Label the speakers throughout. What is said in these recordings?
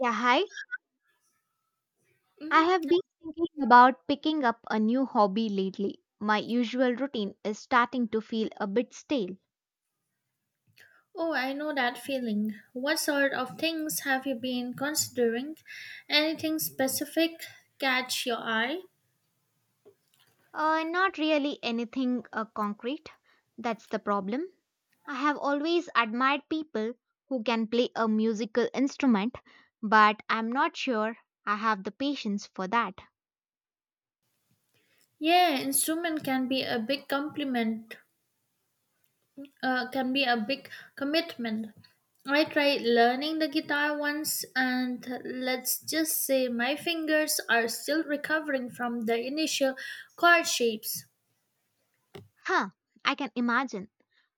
Speaker 1: Yeah, hi. I have
Speaker 2: Mhm.
Speaker 1: been thinking about picking up a new hobby lately. My usual routine is starting to feel a bit stale.
Speaker 2: Oh, I know that feeling. What sort of things have you been considering? Anything specific catch your eye?
Speaker 1: Not really anything concrete. That's the problem. I have always admired people who can play a musical instrument, but I'm not sure I have the patience for that.
Speaker 2: Yeah, instrument can be a big compliment. Can be a big commitment. I tried learning the guitar once, and let's just say my fingers are still recovering from the initial chord shapes.
Speaker 1: Huh, I can imagine.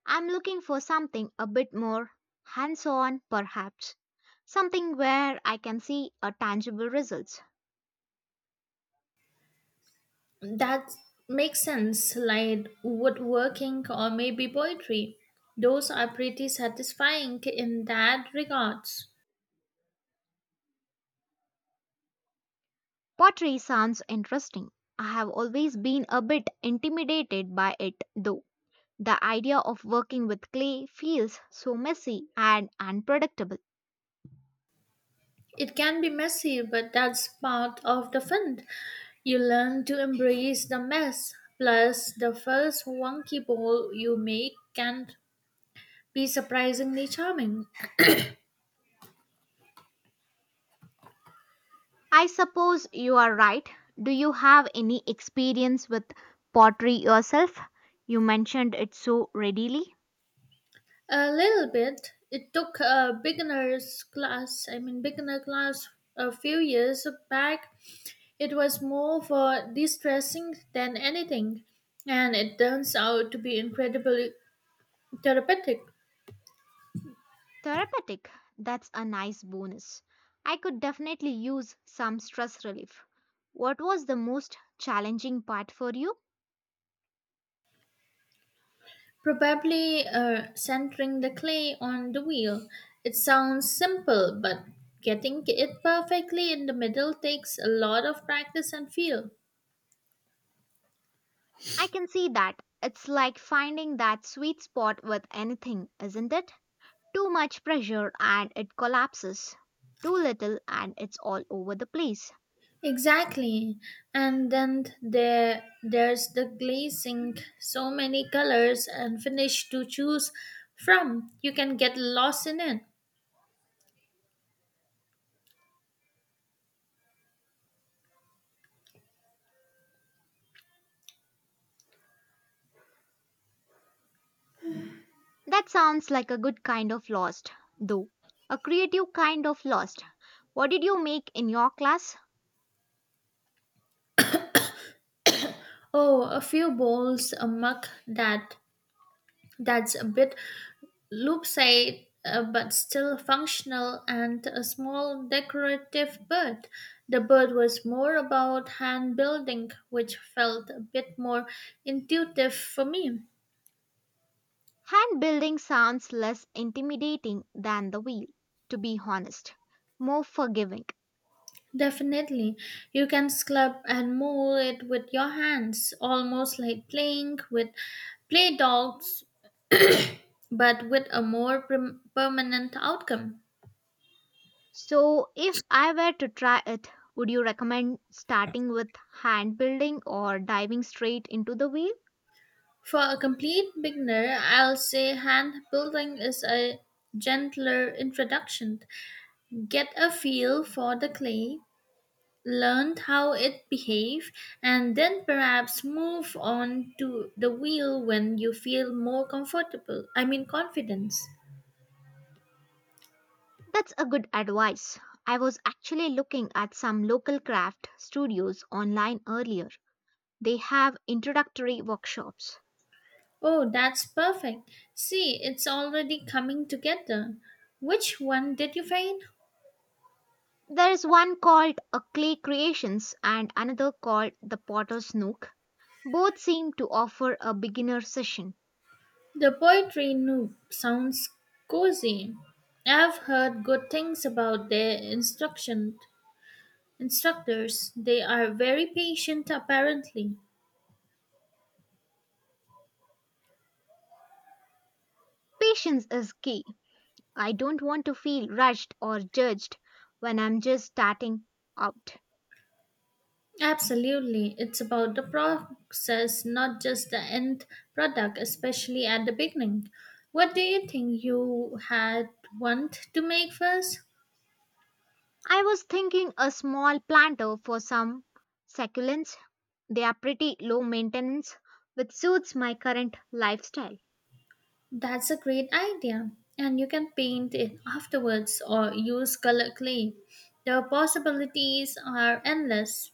Speaker 1: I'm looking for something a bit more hands on, perhaps. Something where I can see a tangible results.
Speaker 2: That makes sense, like woodworking or maybe poetry. Those are pretty satisfying in that regards.
Speaker 1: Pottery sounds interesting. I have always been a bit intimidated by it, though. The idea of working with clay feels so messy and unpredictable.
Speaker 2: It can be messy, but that's part of the fun. You learn to embrace the mess. Plus, the first wonky bowl you make can be surprisingly charming.
Speaker 1: I suppose you are right. Do you have any experience with pottery yourself? You mentioned it so readily.
Speaker 2: A little bit. It took a beginner's class, I mean, beginner class a few years back. It was more for de-stressing than anything, and it turns out to be incredibly therapeutic.
Speaker 1: Therapeutic. That's a nice bonus. I could definitely use some stress relief. What was the most challenging part for you?
Speaker 2: Probably centering the clay on the wheel. It sounds simple, but getting it perfectly in the middle takes a lot of practice and feel.
Speaker 1: I can see that. It's like finding that sweet spot with anything, isn't it? Too much pressure and it collapses. Too little and it's all over the place.
Speaker 2: Exactly. And then there's the glazing, so many colors and finish to choose from. You can get lost in it.
Speaker 1: That sounds like a good kind of lost, though. A creative kind of lost. What did you make in your class?
Speaker 2: Oh, a few bowls, a mug that's a bit loopside but still functional, and a small decorative bird. The bird was more about hand building, which felt a bit more intuitive for me.
Speaker 1: Hand building sounds less intimidating than the wheel, to be honest, more forgiving.
Speaker 2: Definitely. You can scrub and mold it with your hands, almost like playing with play dogs, but with a more permanent outcome.
Speaker 1: So, if I were to try it, would you recommend starting with hand building or diving straight into the wheel?
Speaker 2: For a complete beginner, I'll say hand building is a gentler introduction. Get a feel for the clay, learn how it behaves, and then perhaps move on to the wheel when you feel more comfortable. I mean, confidence.
Speaker 1: That's a good advice. I was actually looking at some local craft studios online earlier. They have introductory workshops.
Speaker 2: Oh, that's perfect. See, it's already coming together. Which one did you find?
Speaker 1: There is one called A Clay Creations and another called The Potter's Nook. Both seem to offer a beginner session.
Speaker 2: The poetry noob sounds cozy. I've heard good things about their instruction instructors. They are very patient apparently.
Speaker 1: Patience is key. I don't want to feel rushed or judged when I'm just starting out.
Speaker 2: Absolutely. It's about the process, not just the end product, especially at the beginning. What do you think you had want to make first?
Speaker 1: I was thinking a small planter for some succulents. They are pretty low maintenance, which suits my current lifestyle.
Speaker 2: That's a great idea. And you can paint it afterwards or use colored clay. The possibilities are endless.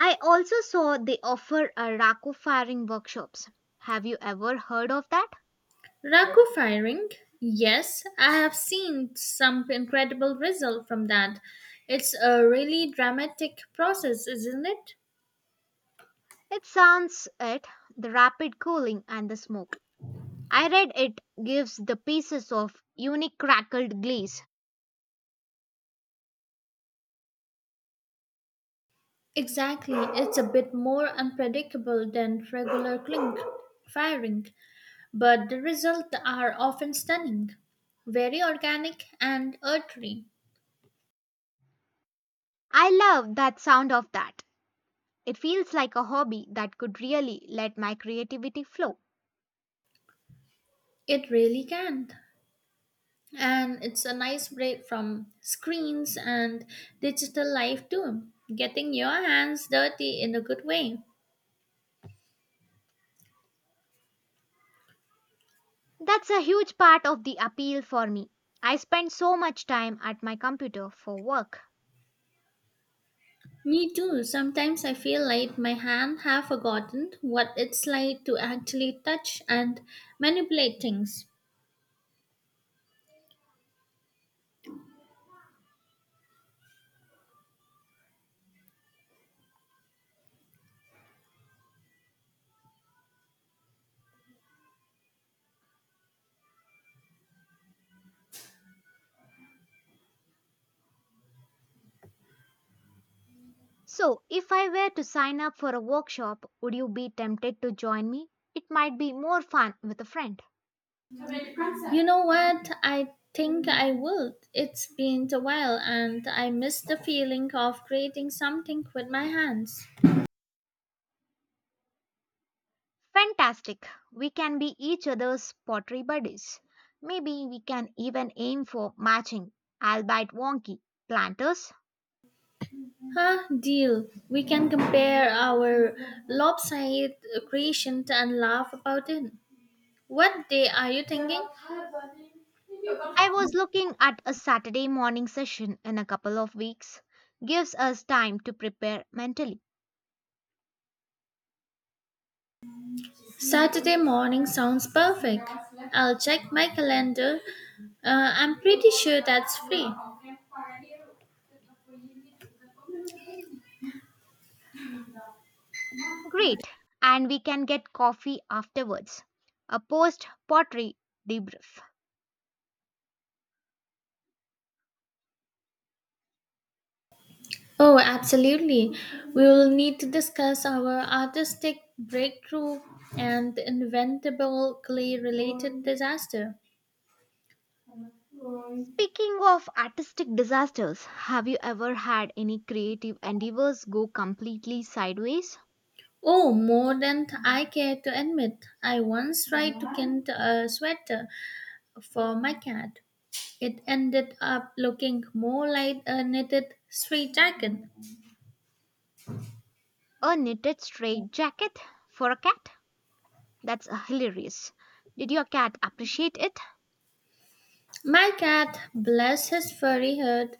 Speaker 1: I also saw they offer a Rako firing workshops. Have you ever heard of that?
Speaker 2: Raku firing? Yes, I have seen some incredible result from that. It's a really dramatic process, isn't it?
Speaker 1: It sounds it, the rapid cooling and the smoke. I read it gives the pieces of unique crackled glaze.
Speaker 2: Exactly. It's a bit more unpredictable than regular clink firing, but the results are often stunning, very organic and earthy.
Speaker 1: I love that sound of that. It feels like a hobby that could really let my creativity flow.
Speaker 2: It really can, and it's a nice break from screens and digital life too, getting your hands dirty in a good way.
Speaker 1: That's a huge part of the appeal for me. I spend so much time at my computer for work.
Speaker 2: Me too. Sometimes I feel like my hand have forgotten what it's like to actually touch and manipulate things.
Speaker 1: So, if I were to sign up for a workshop, would you be tempted to join me? It might be more fun with a friend.
Speaker 2: You know what, I think I would. It's been a while and I miss the feeling of creating something with my hands.
Speaker 1: Fantastic. We can be each other's pottery buddies. Maybe we can even aim for matching, albeit wonky, planters.
Speaker 2: Huh, deal. We can compare our lopsided creation and laugh about it. What day are you thinking?
Speaker 1: I was looking at a Saturday morning session in a couple of weeks. Gives us time to prepare mentally.
Speaker 2: Saturday morning sounds perfect. I'll check my calendar. I'm pretty sure that's free.
Speaker 1: Great. And we can get coffee afterwards. A post pottery debrief.
Speaker 2: Oh, absolutely. We will need to discuss our artistic breakthrough and inventable clay related disaster.
Speaker 1: Speaking of artistic disasters, have you ever had any creative endeavors go completely sideways?
Speaker 2: Oh, more than I care to admit. I once tried to kind a sweater for my cat, it ended up looking more like a knitted street jacket.
Speaker 1: A knitted straight jacket for a cat? That's hilarious. Did your cat appreciate it?
Speaker 2: My cat, bless his furry head,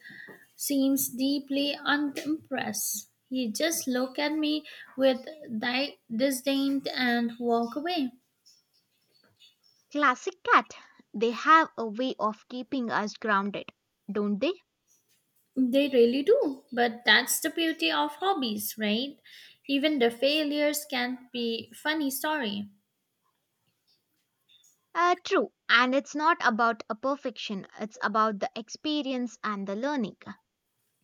Speaker 2: seems deeply unimpressed. He just looked at me with disdain and walk away.
Speaker 1: Classic cat. They have a way of keeping us grounded, don't they?
Speaker 2: They really do, but that's the beauty of hobbies, right? Even the failures can be funny story.
Speaker 1: True. And it's not about a perfection, it's about the experience and the learning.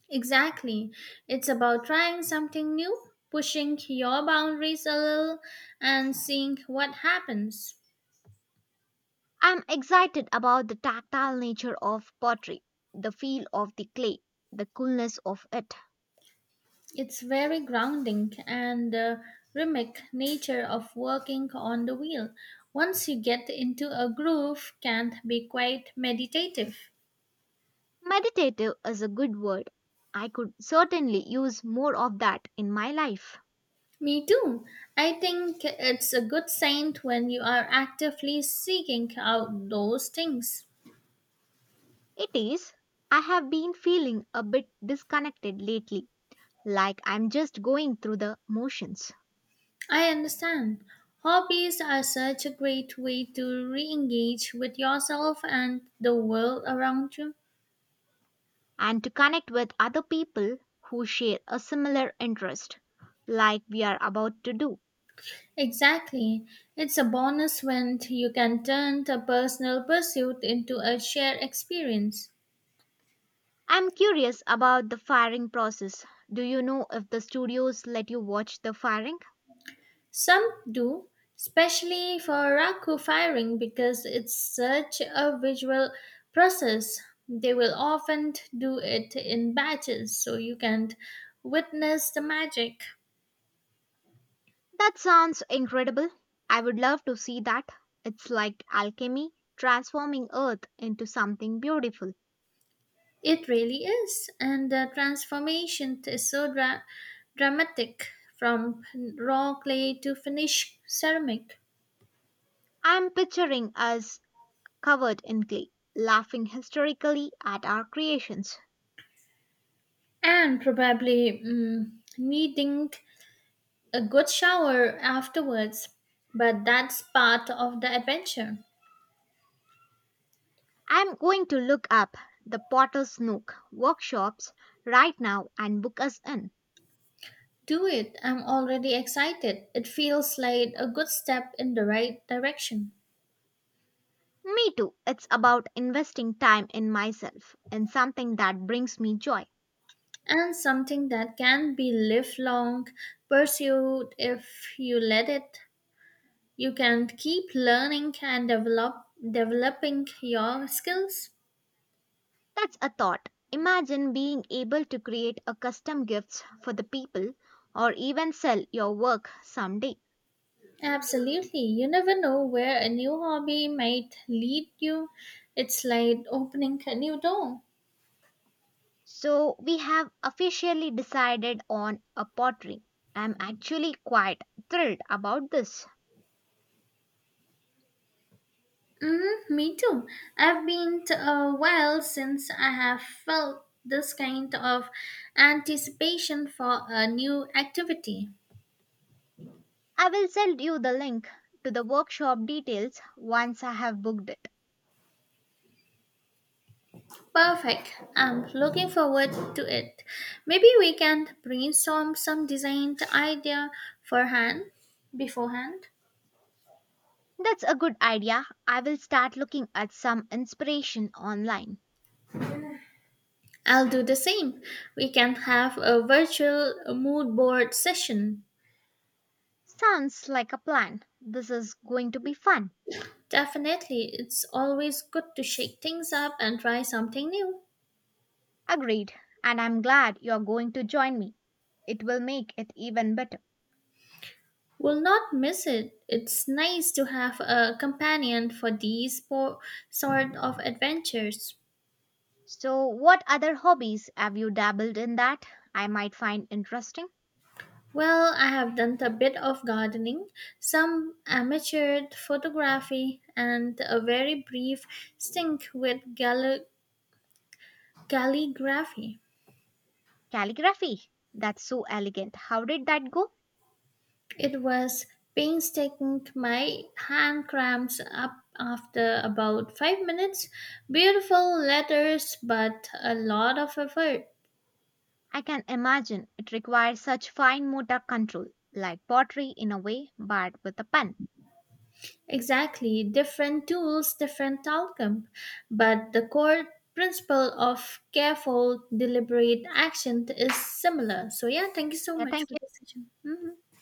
Speaker 2: Exactly. It's about trying something new, pushing your boundaries a little, and seeing what happens.
Speaker 1: I'm excited about the tactile nature of pottery, the feel of the clay, the coolness of it.
Speaker 2: It's very grounding, and the rhythmic nature of working on the wheel, once you get into a groove, can be quite meditative.
Speaker 1: Meditative is a good word. I could certainly use more of that in my life.
Speaker 2: Me too. I think it's a good sign when you are actively seeking out those things.
Speaker 1: It is. I have been feeling a bit disconnected lately, like I'm just going through the motions.
Speaker 2: I understand. Hobbies are such a great way to re engage with yourself and the world around you.
Speaker 1: And to connect with other people who share a similar interest, like we are about to do.
Speaker 2: Exactly. It's a bonus when you can turn a personal pursuit into a shared experience.
Speaker 1: I'm curious about the firing process. Do you know if the studios let you watch the firing?
Speaker 2: Some do, especially for raku firing because it's such a visual process. They will often do it in batches so you can witness the magic.
Speaker 1: That sounds incredible. I would love to see that. It's like alchemy transforming Earth into something beautiful.
Speaker 2: It really is, and the transformation is so dramatic from raw clay to finished ceramic,
Speaker 1: I'm picturing us covered in glee, laughing hysterically at our creations.
Speaker 2: and probably needing a good shower afterwards. But that's part of the adventure.
Speaker 1: I'm going to look up the Potter's Nook workshops right now and book us in.
Speaker 2: Do it, I'm already excited. It feels like a good step in the right direction,
Speaker 1: Me too. It's about investing time in myself, in something that brings me joy.
Speaker 2: and something that can be lifelong pursued if you let it. You can keep learning and developing your skills.
Speaker 1: That's a thought. Imagine being able to create a custom gifts for the people or even sell your work someday.
Speaker 2: Absolutely, you never know where a new hobby might lead you. It's like opening a new door.
Speaker 1: So we have officially decided on a pottery. I'm actually quite thrilled about this.
Speaker 2: Mm, me too. I've been a while since I have felt this kind of anticipation for a new activity.
Speaker 1: I will send you the link to the workshop details once I have booked it.
Speaker 2: Perfect. I'm looking forward to it. Maybe we can brainstorm some design idea forehand beforehand.
Speaker 1: That's a good idea. I will start looking at some inspiration online.
Speaker 2: I'll do the same. We can have a virtual mood board session.
Speaker 1: Sounds like a plan. This is going to be fun.
Speaker 2: Definitely, it's always good to shake things up and try something new.
Speaker 1: Agreed. And I'm glad you're going to join me. It will make it even better.
Speaker 2: Will not miss it. It's nice to have a companion for these sort of adventures.
Speaker 1: So, what other hobbies have you dabbled in that I might find interesting?
Speaker 2: Well, I have done a bit of gardening, some amateur photography, and a very brief stint with calligraphy.
Speaker 1: Calligraphy. That's so elegant. How did that go?
Speaker 2: It was painstaking. My hand cramps up after about 5 minutes. Beautiful letters, but a lot of effort.
Speaker 1: I can imagine it requires such fine motor control, like pottery in a way, but with a pen.
Speaker 2: Exactly, different tools, different outcome, but the core principle of careful, deliberate action is similar. So yeah, thank you so
Speaker 1: Yeah,
Speaker 2: much
Speaker 1: thank
Speaker 2: for
Speaker 1: you.
Speaker 2: this session. Mhm.